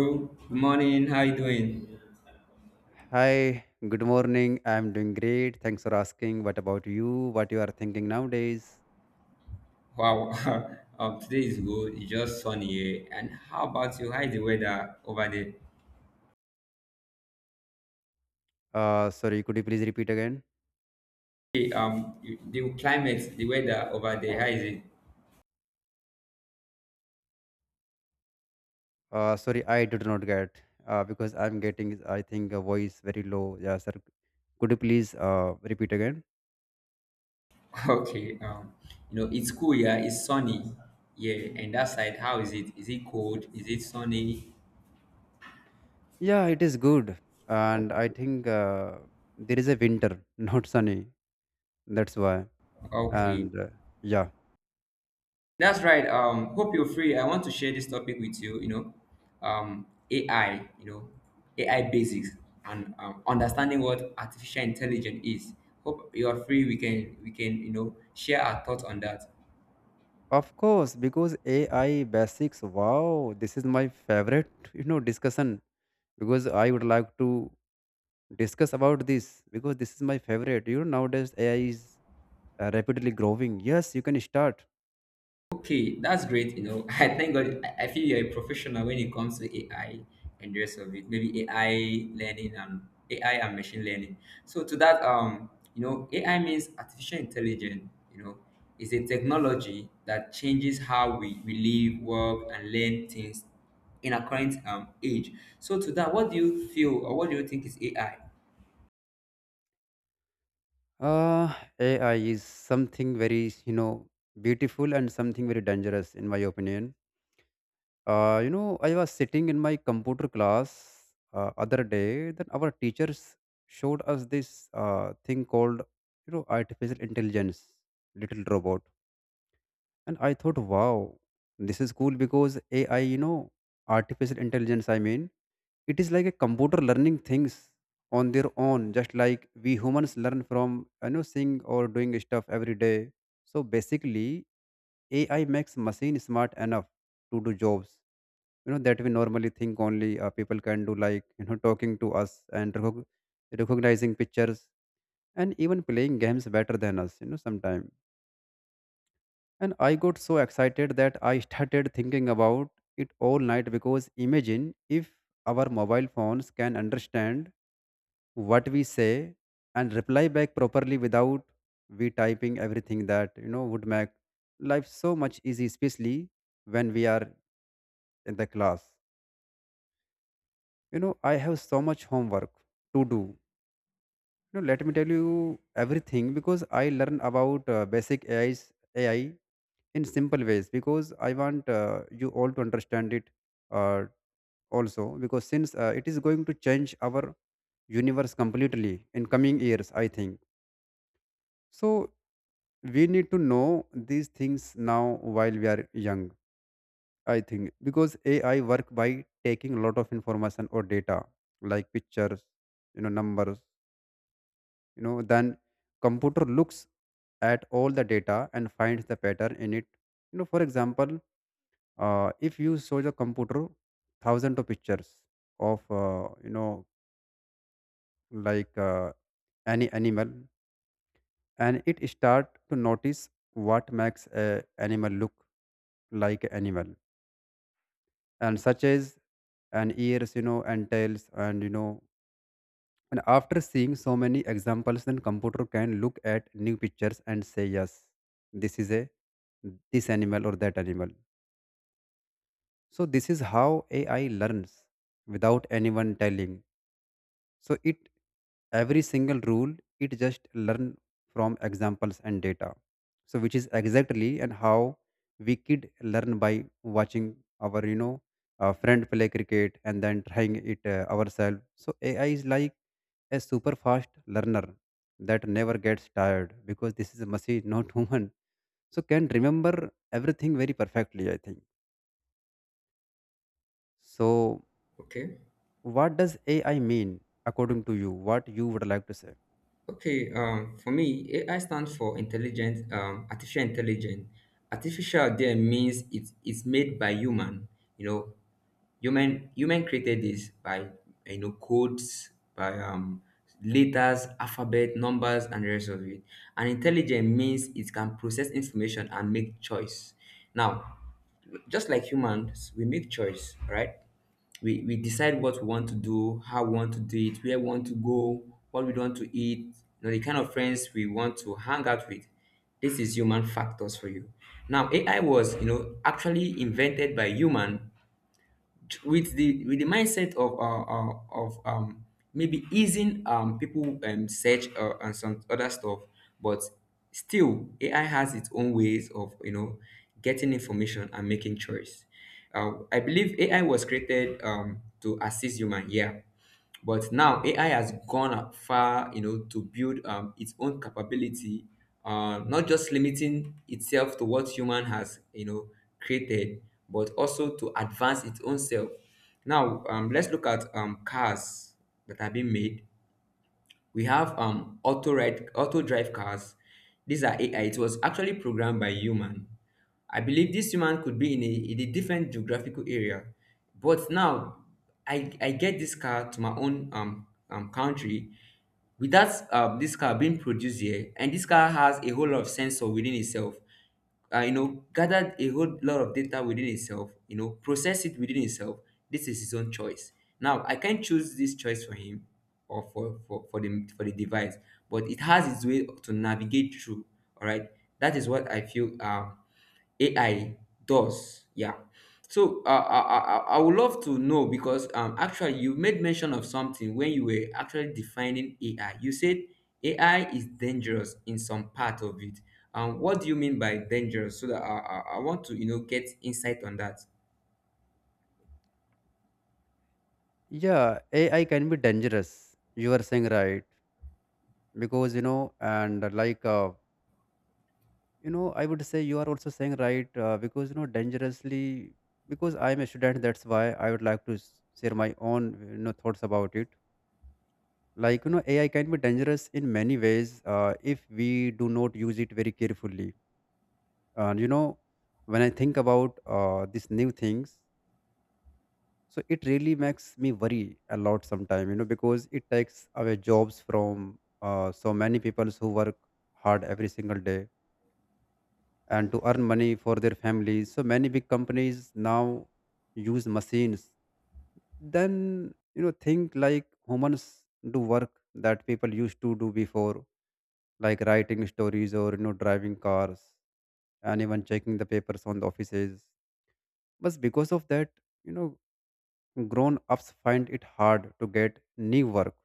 Good morning. How you doing? Hi, good morning. I'm doing great. Thanks for asking. What about you? What you are thinking nowadays? Wow. Today is good. It's just sunny here. And how about you? How is the weather over there? Sorry, could you please repeat again? Okay, the climate, the weather over there. How is it? Sorry, I did not get because I'm getting, I think, a voice very low. Yeah, sir. Could you please repeat again? Okay. You know, it's cool. Yeah, it's sunny. Yeah. And that side, how is it? Is it cold? Is it sunny? Yeah, it is good. O- And I think there is a winter, not sunny. That's why. Okay. And uh, yeah, That's right. Hope you're free. I want to share this topic with you. Um, AI. You know, AI basics and understanding what artificial intelligence is. Hope you are free. We can share our thoughts on that. of course, because AI basics. Wow, this is my favorite discussion because I would like to discuss about this because this is my favorite. You know, nowadays AI is rapidly growing. Yes, you can start. Okay, that's great. You know, I thank God. I feel you're a professional when it comes to AI and the rest of it. Maybe AI learning and AI and machine learning. So to that, you know, AI means artificial intelligence. You know, is a technology that changes how we live, work, and learn things in our current age. So to that, what do you feel or what do you think is AI? Uh, AI is something very, beautiful and something very dangerous, in my opinion. I was sitting in my computer class other day. Then our teachers showed us this thing called, artificial intelligence, little robot, and I thought, wow, this is cool because AI, you know, artificial intelligence. It is like a computer learning things on their own, just like we humans learn from seeing or doing stuff every day. So basically, AI makes machine smart enough to do jobs that we normally think only people can do, like talking to us and recognizing pictures and even playing games better than us sometime. And I got so excited that I started thinking about it all night because imagine if our mobile phones can understand what we say and reply back properly without we typing everything that would make life so much easy, especially when we are in the class. You know, I have so much homework to do. Let me tell you everything because I learn about basic AI in simple ways because I want you all to understand it, uh, also because since it is going to change our universe completely in coming years, I think. So we need to know these things now while we are young, I think, because AI work by taking a lot of information or data like pictures, numbers, then computer looks at all the data and finds the pattern in it. You know, for example, if you show the computer thousands of pictures of, like any animal, and it start to notice what makes a animal look like animal, and such as an ears, and tails, and and after seeing so many examples, then computer can look at new pictures and say yes, this is a this animal or that animal. So this is how AI learns without anyone telling, so it every single rule, it just learn from examples and data. So which is exactly and how we kid learn by watching our friend play cricket and then trying it ourselves. So AI is like a super fast learner that never gets tired because this is a machine, not human, so can remember everything very perfectly, I think. So Okay. what does AI mean according to you? What you would like to say? Okay, for me, AI stands for intelligent, artificial intelligence. Artificial there means it's made by human. You know, human created this by you know codes, by letters, alphabet, numbers, and the rest of it. And intelligent means it can process information and make choice. Now, just like humans, we make choice, right? We decide what we want to do, how we want to do it, where we want to go, what we want to eat, you know, the kind of friends we want to hang out with. This is human factors for you. Now, AI was, you know, actually invented by human with the mindset of maybe easing people search and some other stuff, but still AI has its own ways of you know getting information and making choice. I believe AI was created to assist human. Yeah, but now AI has gone far, you know, to build its own capability, not just limiting itself to what human has, you know, created, but also to advance its own self. Now, let's look at cars that have been made. We have auto ride auto drive cars. These are AI. It was actually programmed by human. I believe this human could be in a different geographical area. But now I get this car to my own country without this car being produced here, and this car has a whole lot of sensor within itself. You know, gathered a whole lot of data within itself, you know, process it within itself. This is his own choice. Now, I can't choose this choice for him or for the device, but it has its way to navigate through. All right. That is what I feel AI does. Yeah. So I would love to know because actually you made mention of something when you were actually defining AI. You said AI is dangerous in some part of it. What do you mean by dangerous? So that I want to you know get insight on that. Yeah, AI can be dangerous. You are saying right because you know, and like you know, I would say you are also saying right, because dangerously, because I am a student. That's why I would like to share my own thoughts about it. Like AI can be dangerous in many ways if we do not use it very carefully. And when I think about these new things, so it really makes me worry a lot sometimes because it takes away jobs from so many people who work hard every single day and to earn money for their families. So many big companies now use machines, then think like humans, do work that people used to do before, like writing stories or driving cars and even checking the papers on the offices. But because of that, you know grown ups find it hard to get new work,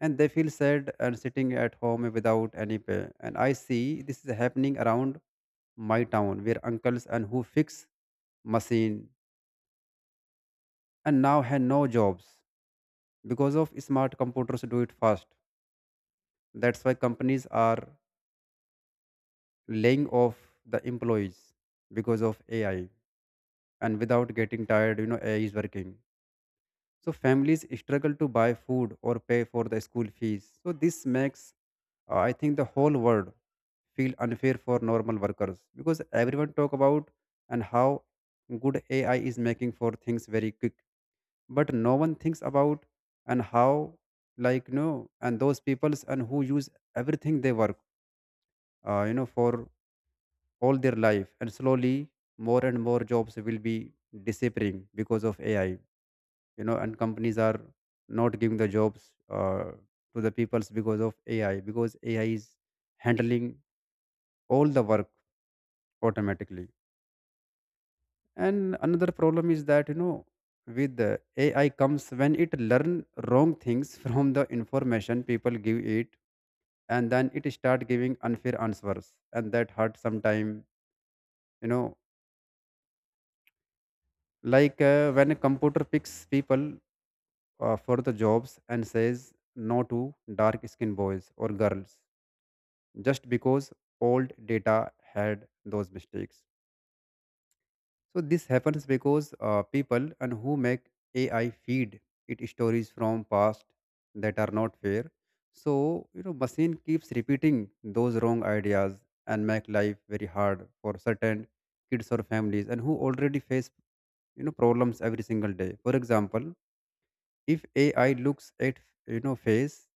and they feel sad and sitting at home without any pay. And I see this is happening around my town where uncles and who fix machine and now have no jobs because of smart computers do it fast. That's why companies are laying off the employees because of AI, and without getting tired, you know, AI is working. So families struggle to buy food or pay for the school fees. So this makes, I think, the whole world feel unfair for normal workers because everyone talk about and how good AI is making for things very quick, but no one thinks about and how, like, no, and those peoples and who use everything they work, for all their life. And slowly more and more jobs will be disappearing because of AI, and companies are not giving the jobs uh, to the peoples because of AI, because AI is handling all the work automatically. And another problem is that with the AI comes when it learn wrong things from the information people give it, and then it start giving unfair answers, and that hurt sometime, you know like when a computer picks people for the jobs and says no to dark skinned boys or girls just because old data had those mistakes. So this happens because people and who make AI feed it stories from past that are not fair. So machine keeps repeating those wrong ideas and make life very hard for certain kids or families and who already face problems every single day. For example, if AI looks at face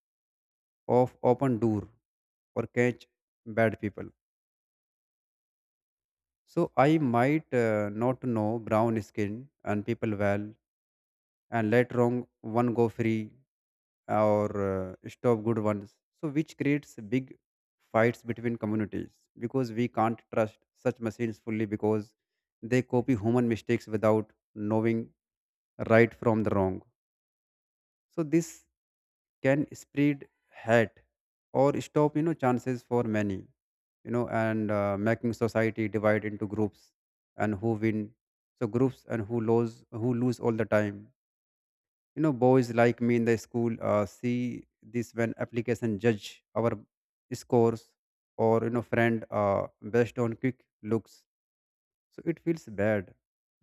of open door or catch bad people, so I might not know brown skin and people well, and let wrong one go free or stop good ones. So which creates big fights between communities because we can't trust such machines fully because they copy human mistakes without knowing right from the wrong. So this can spread hate or stop chances for many, you know and making society divide into groups and who win, so groups and who lose, who lose all the time. Boys like me in the school see this when application judge our scores or friend based on quick looks, so it feels bad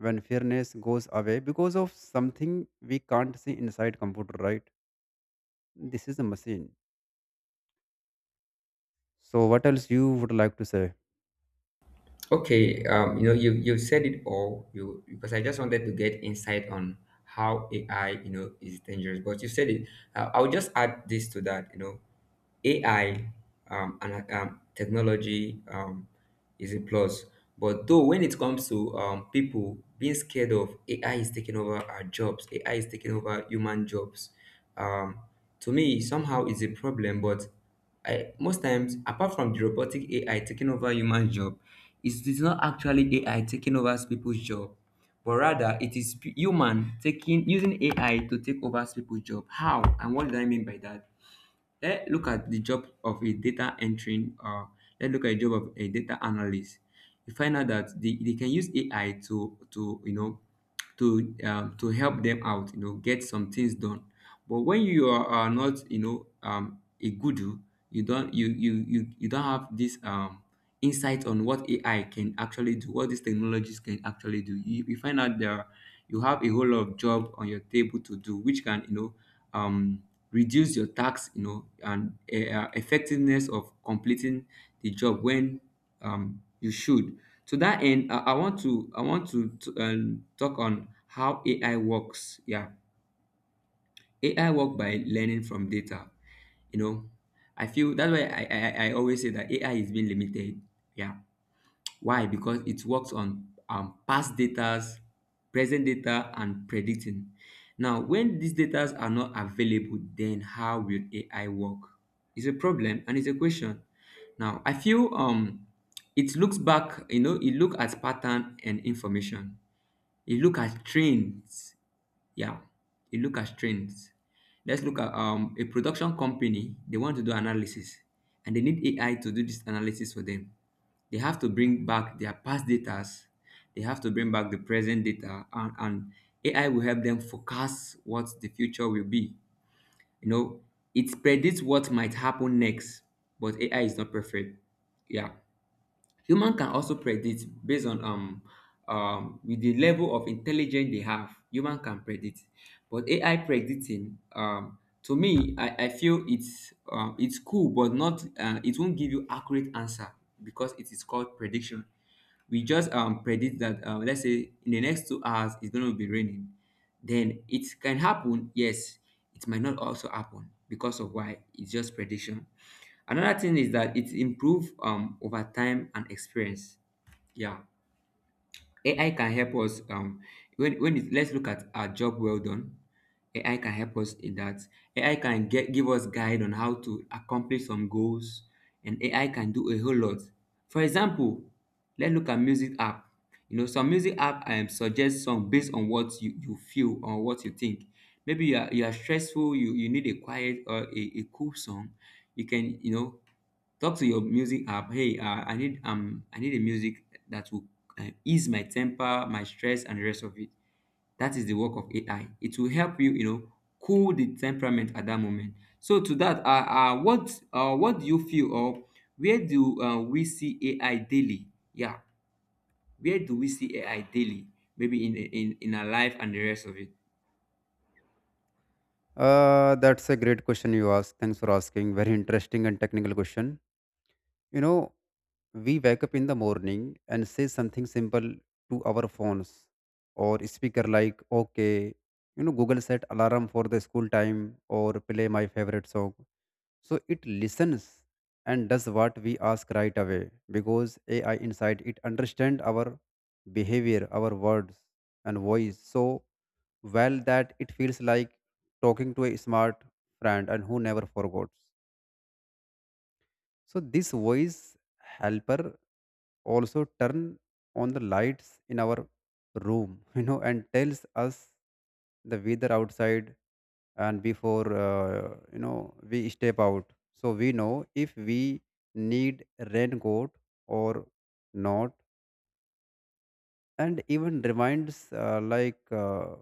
when fairness goes away because of something we can't see inside computer, right? This is a machine. So, what else you would like to say? Okay, you know, you said it all. You, because I just wanted to get insight on how AI, you know, is dangerous. But you said it. I'll just add this to that. You know, AI, and technology, is a plus. But though when it comes to people being scared of AI is taking over our jobs, AI is taking over human jobs. Um, to me, somehow it's a problem. But I, most times, apart from the robotic AI taking over human job, it's not actually AI taking over people's job, but rather it is human taking using AI to take over people's job. How and what do I mean by that? Let's look at the job of a data entering, or let's look at the job of a data analyst. You find out that they can use AI to you know to help them out you know get some things done. But when you are not you know a guru, you don't you don't have this insight on what AI can actually do, what these technologies can actually do, you find out there you have a whole lot of job on your table to do, which can you know um, reduce your tax you know and effectiveness of completing the job when you should. To that end, I want to talk on how AI works. Yeah, AI work by learning from data. You know, I feel that's why I always say that AI is being limited. Yeah, why? Because it works on past datas, present data, and predicting. Now, when these datas are not available, then how will AI work? It's a problem and it's a question. Now, I feel it looks back, you know, it look at pattern and information. It look at trends. Yeah, it look at trends. Let's look at a production company. They want to do analysis, and they need AI to do this analysis for them. They have to bring back their past datas, they have to bring back the present data, and AI will help them forecast what the future will be. You know, it predicts what might happen next, but AI is not perfect. Yeah, human can also predict based on with the level of intelligence they have. Human can predict, but AI predicting, to me, I feel it's cool, but not, it won't give you accurate answer because it is called prediction. We just predict that, let's say in the next 2 hours it's going to be raining. Then it can happen, yes, it might not also happen, because of why? It's just prediction. Another thing is that it improve over time and experience. Yeah, AI can help us. When it, let's look at our job well done. AI can help us in that. AI can get give us guide on how to accomplish some goals, and AI can do a whole lot. For example, let's look at music app. You know, some music app suggest song based on what you feel or what you think. Maybe you are stressful, you need a quiet or a cool song. You can, you know, talk to your music app. Hey, I need a music that will ease my temper, my stress, and the rest of it. That is the work of AI. It will help you, you know, cool the temperament at that moment. So to that, what do you feel or where do we see AI daily? Yeah, where do we see AI daily? Maybe in our life and the rest of it. That's a great question you asked. Thanks for asking. Very interesting and technical question. You know, we wake up in the morning and say something simple to our phones or speaker like, okay, you know, Google set alarm for the school time or play my favorite song. So it listens and does what we ask right away because AI inside it understand our behavior, our words and voice. So well that it feels like talking to a smart friend and who never forgot. So this voice helper also turn on the lights in our room, you know, and tells us the weather outside and before we step out. So we know if we need raincoat or not, and even reminds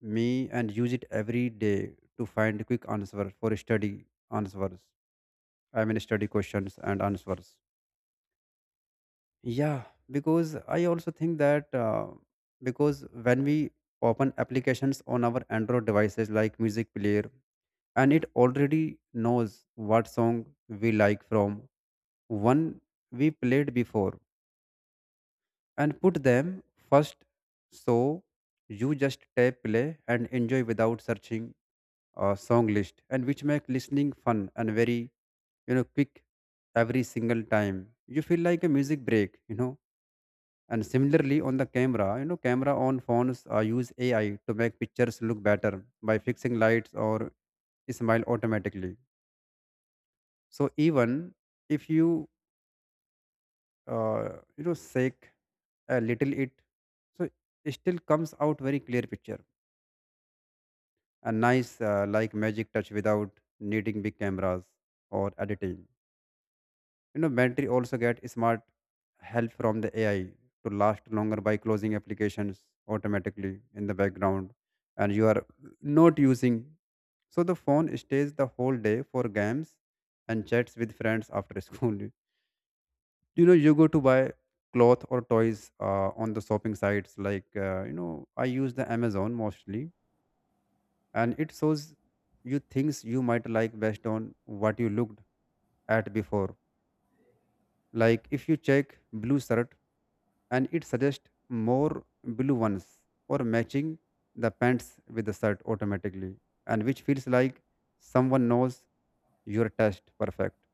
me and use it every day to find quick answer for study answers I mean study questions and answers, yeah, because I also think that, because when we open applications on our android devices like music player, and it already knows what song we like from one we played before and put them first. So you just tap play and enjoy without searching a song list, and which make listening fun and very quick. Every single time you feel like a music break, you know, and similarly on the camera, camera on phones use AI to make pictures look better by fixing lights or smile automatically. So even if you uh, you know shake a little, so it still comes out very clear picture, a nice like magic touch without needing big cameras or editing. You know, battery also get smart help from the AI to last longer by closing applications automatically in the background, and you are not using. So the phone stays the whole day for games and chats with friends after school. You know, you go to buy cloth or toys on the shopping sites like I use the Amazon mostly, and it shows you things you might like based on what you looked at before. Like if you check blue shirt, and it suggests more blue ones or matching the pants with the shirt automatically, and which feels like someone knows your taste perfect.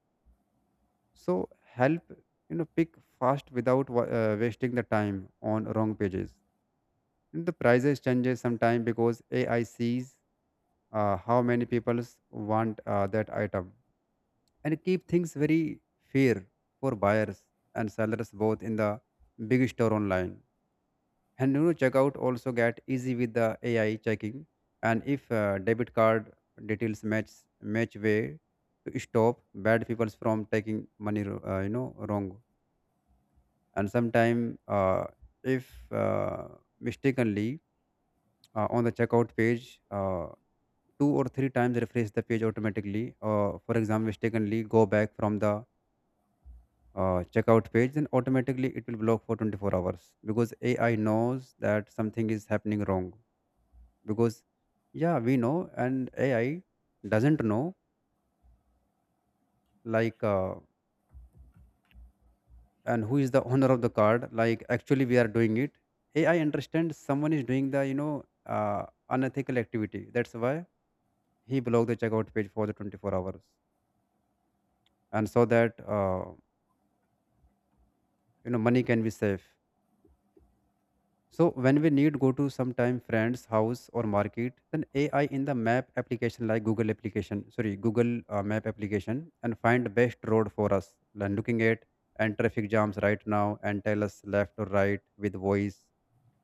So help pick fast without wasting the time on wrong pages. The prices changes sometime because AI sees how many people want that item and keep things very fair for buyers and sellers both in the big store online. And checkout also get easy with the AI checking, and if debit card details match way to stop bad people from taking money wrong. And sometime if uh, mistakenly on the checkout page. Two or three times refresh the page automatically, or for example mistakenly go back from the checkout page, then automatically it will block for 24 hours because AI knows that something is happening wrong. Because, yeah, we know, and AI doesn't know, like, uh, and who is the owner of the card, like, actually, we are doing it. AI understands someone is doing the, unethical activity. That's why he blocked the checkout page for the 24 hours. And so that, money can be safe. So when we need go to sometime friend's house or market, then AI in the map application, like Google application, sorry, Google map application, and find best road for us. And looking at and traffic jams right now and tell us left or right with voice.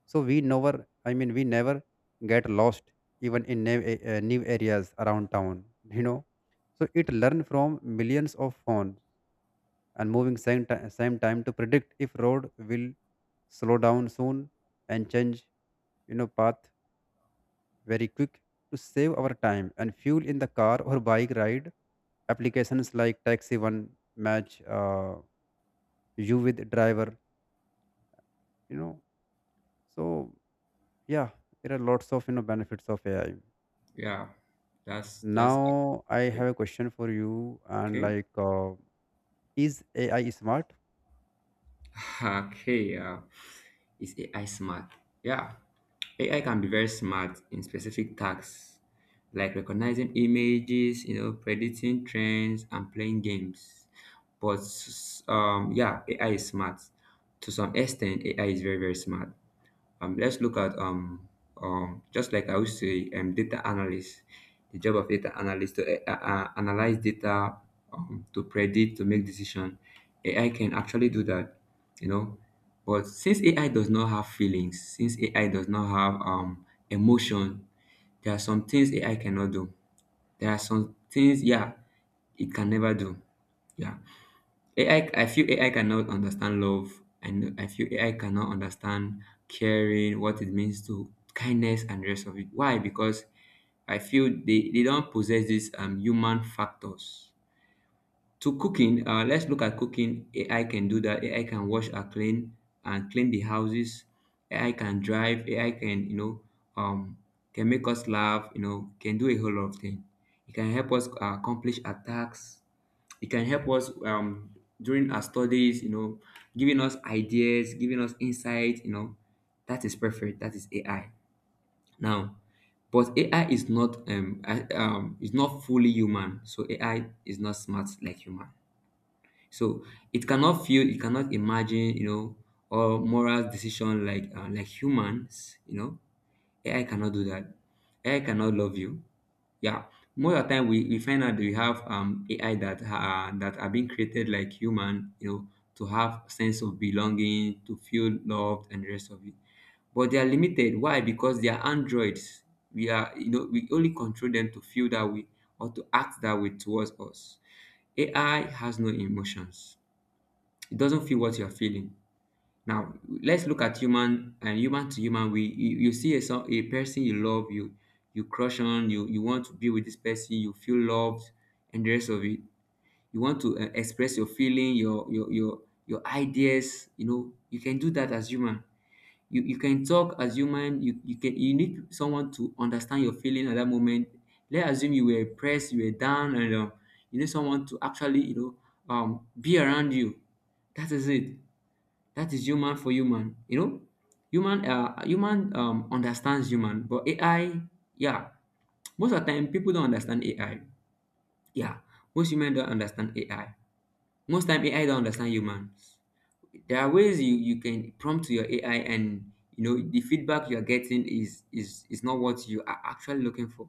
So we never, I mean, we never get lost even in new, new areas around town, you know. So it learn from millions of phones and moving same time to predict if road will slow down soon and change path very quick to save our time and fuel in the car or bike ride applications like taxi one match you with driver, you know. So yeah, there are lots of benefits of AI. Yeah, that's Now I accurate. have a question for you, and Okay. Is AI smart? Okay, is AI smart? Yeah. AI can be very smart in specific tasks like recognizing images, you know, predicting trends and playing games. But yeah, AI is smart. To some extent, AI is very, very smart. Let's look at just like I would say, data analyst. The job of data analyst to analyze data, to predict, to make decision. AI can actually do that, you know. But since AI does not have feelings, since AI does not have emotion, there are some things AI cannot do. There are some things, yeah, it can never do. Yeah. AI, I feel AI cannot understand love, and I feel AI cannot understand caring, what it means to kindness and rest of it. Why? Because I feel they don't possess these human factors. To cooking, let's look at cooking. AI can do that. AI can wash and clean the houses. AI can drive. AI can you know um can make us laugh. You know can do a whole lot of things. It can help us accomplish our tasks. It can help us during our studies, you know, giving us ideas, giving us insight, you know. That is perfect. That is AI. Now, but AI is not is not fully human. So AI is not smart like human. So it cannot feel, it cannot imagine, you know, or moral decision like humans. You know, AI cannot do that. AI cannot love you. Yeah, most of the time we find out that we have AI that are being created like human, you know, to have sense of belonging, to feel loved, and the rest of it. But they are limited. Why? Because they are androids. We are, you know, we only control them to feel that way or to act that way towards us. AI has no emotions. It doesn't feel what you are feeling. Now let's look at human and human to human. You see a person you love, you crush on, you want to be with this person, you feel loved, and the rest of it. You want to express your feeling, your ideas. You know you can do that as human. You can talk as human. You can you need someone to understand your feeling at that moment. Let's assume you were pressed, you were down, and you need someone to actually be around you. That is it. That is human for human. You know, human understands human, but AI, yeah, most of the time people don't understand AI. Yeah, most human don't understand AI. Most time AI don't understand humans. There are ways you can prompt your AI, and you know the feedback you're getting is not what you are actually looking for.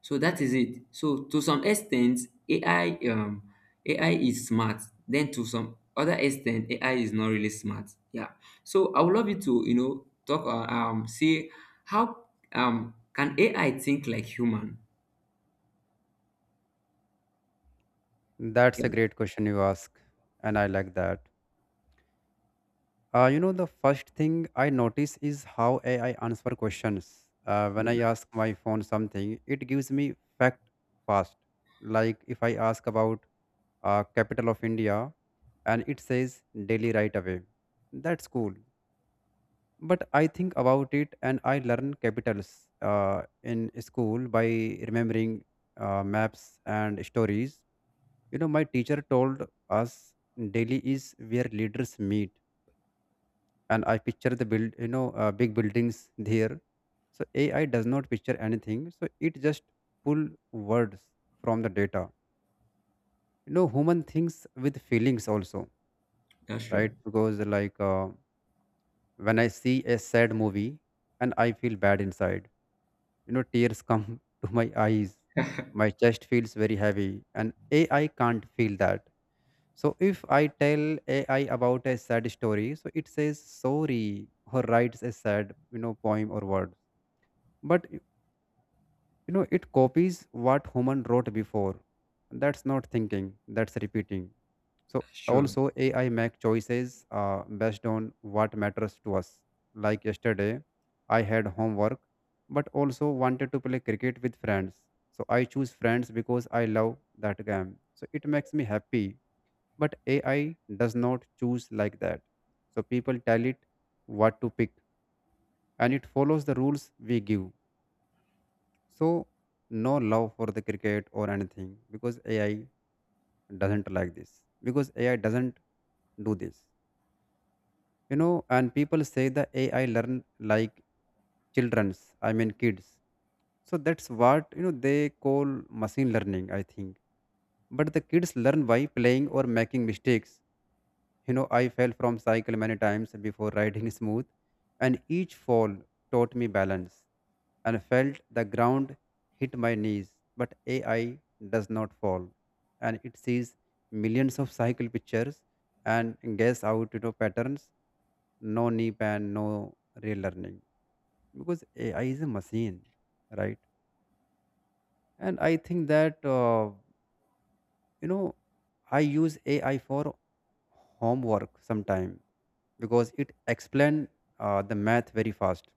So that is it. So to some extent, AI um AI is smart. Then to some other extent, AI is not really smart. Yeah. So I would love you to talk, see how, can AI think like human? That's Yeah, a great question you ask, and I like that. You know, the first thing I notice is how AI answer questions. When I yeah, ask my phone something, it gives me fact fast. Like if I ask about capital of India, and it says Delhi right away. That's cool. But I think about it, and I learn capitals in school by remembering maps and stories. You know, my teacher told us Delhi is where leaders meet, and I picture the build, big buildings there. So AI does not picture anything. So it just pull words from the data. You know, human thinks with feelings also, that's right? true. Because when I see a sad movie and I feel bad inside, you know, tears come to my eyes. My chest feels very heavy, and AI can't feel that. So if I tell AI about a sad story, so it says sorry or writes a sad, you know, poem or word, but y- you know, it copies what human wrote before. That's not thinking, that's repeating. So That's true. also AI make choices based on what matters to us. Like yesterday I had homework, but also wanted to play cricket with friends, so I choose friends because I love that game, so it makes me happy. But AI does not choose like that, so people tell it what to pick, and it follows the rules we give. So no love for the cricket or anything because AI doesn't like this. Because AI doesn't do this. You know, and people say the AI learn like children's, I mean kids. So that's what, you know, they call machine learning, I think. But the kids learn by playing or making mistakes. You know, I fell from cycle many times before riding smooth, and each fall taught me balance and felt the ground hit my knees. But AI does not fall, and it sees millions of cycle pictures and guess out, you know, patterns. No nip and no real learning, because AI is a machine, right? And I think that. You know, I use AI for homework sometime because it explain the math very fast,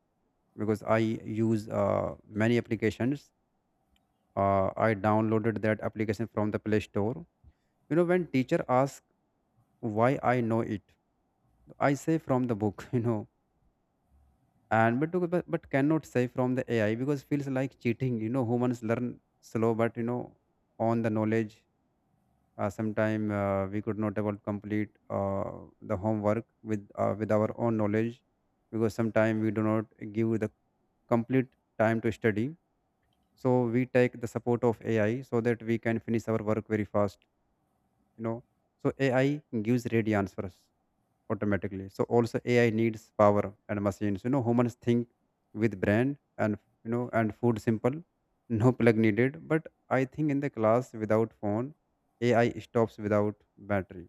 because I use many applications. I downloaded that application from the Play Store. You know, when teacher asks why I know it, I say from the book, you know. And but, to- but but cannot say from the AI, because feels like cheating. You know, humans learn slow, but you know, on the knowledge. Sometime we could not able to complete the homework with our own knowledge, because sometimes we do not give the complete time to study. So we take the support of AI so that we can finish our work very fast, you know. So AI gives ready answers automatically. So also AI needs power and machines. You know, humans think with brain, and you know, and food simple, no plug needed. But I think in the class without phone, AI stops without battery.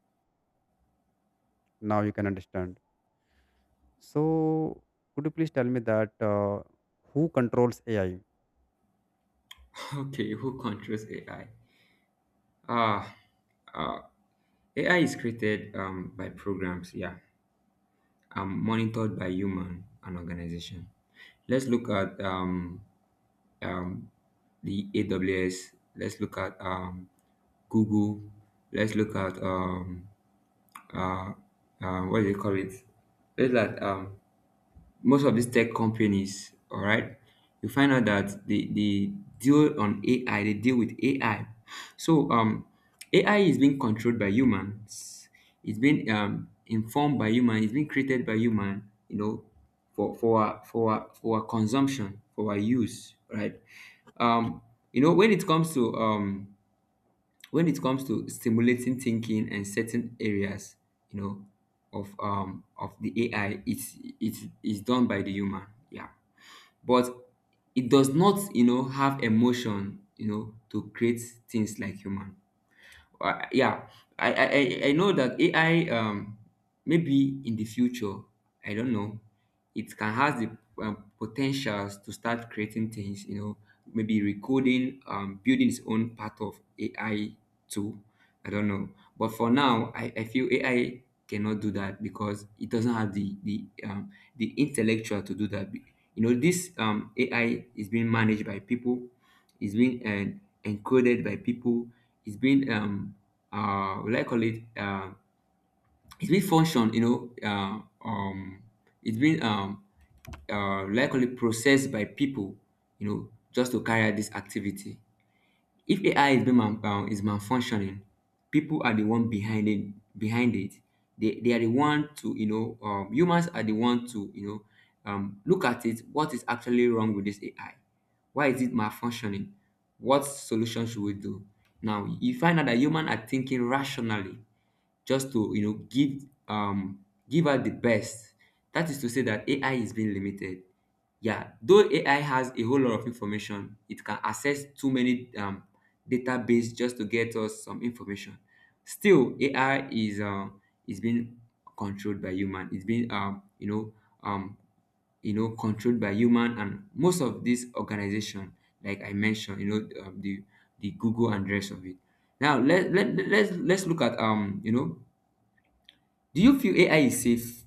Now you can understand. So could you please tell me that who controls AI? Okay, who controls AI? Ah. ah, AI is created by programs, yeah, and monitored by human and organization. Let's look at um, the AWS. Let's look at Google. Let's look at uh, what do you call it? Let's look at most of these tech companies, all right, you find out that they deal on AI, they deal with AI. So AI is being controlled by humans. It's been informed by human. It's been created by human. You know, for our consumption, for our use, right? Um, you know, when it comes to when it comes to stimulating thinking and certain areas, you know, of the AI, it's done by the human. Yeah, but it does not, you know, have emotion, you know, to create things like human. Yeah, I know that AI, maybe in the future, I don't know, it can has the potentials to start creating things, you know, maybe recoding, building its own part of AI too. I don't know. But for now, I feel AI cannot do that because it doesn't have the, the the intellectual to do that. You know, this AI is being managed by people. It's being been encoded by people. It's being what do I call it? It's been function. You know, it's been likely processed by people. You know, just to carry out this activity. If AI is being is malfunctioning, people are the one behind it. Behind it, they are the one to, you know, humans are the one to, you know, look at it. What is actually wrong with this AI? Why is it malfunctioning? What solution should we do? Now you find out that humans are thinking rationally just to you know give give out the best. That is to say that AI is being limited. Yeah, though AI has a whole lot of information, it can access too many database just to get us some information. Still, AI is being controlled by human. It's being, um you know, controlled by human and most of this organization, like I mentioned, you know, the Google and rest of it. Now let's look at, you know, do you feel AI is safe?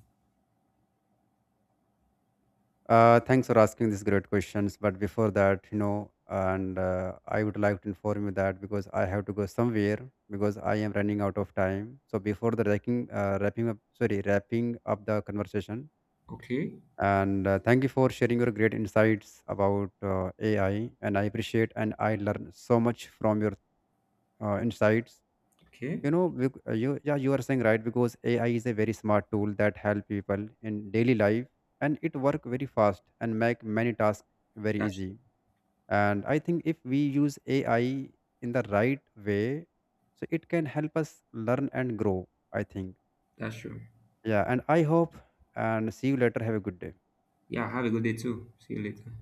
Thanks for asking these great questions. But before that, you know, and I would like to inform you that because I have to go somewhere, because I am running out of time. So before the wrapping up the conversation. Okay, And thank you for sharing your great insights about AI. And I appreciate and I learn so much from your insights. okay, You know bec- you Yeah, you are saying right, because AI is a very smart tool that help people in daily life, and it work very fast and make many tasks very that's easy. true. And I think if we use AI in the right way, so it can help us learn and grow, I think. That's true. Yeah, and I hope, and see you later, have a good day. Yeah, have a good day too. See you later.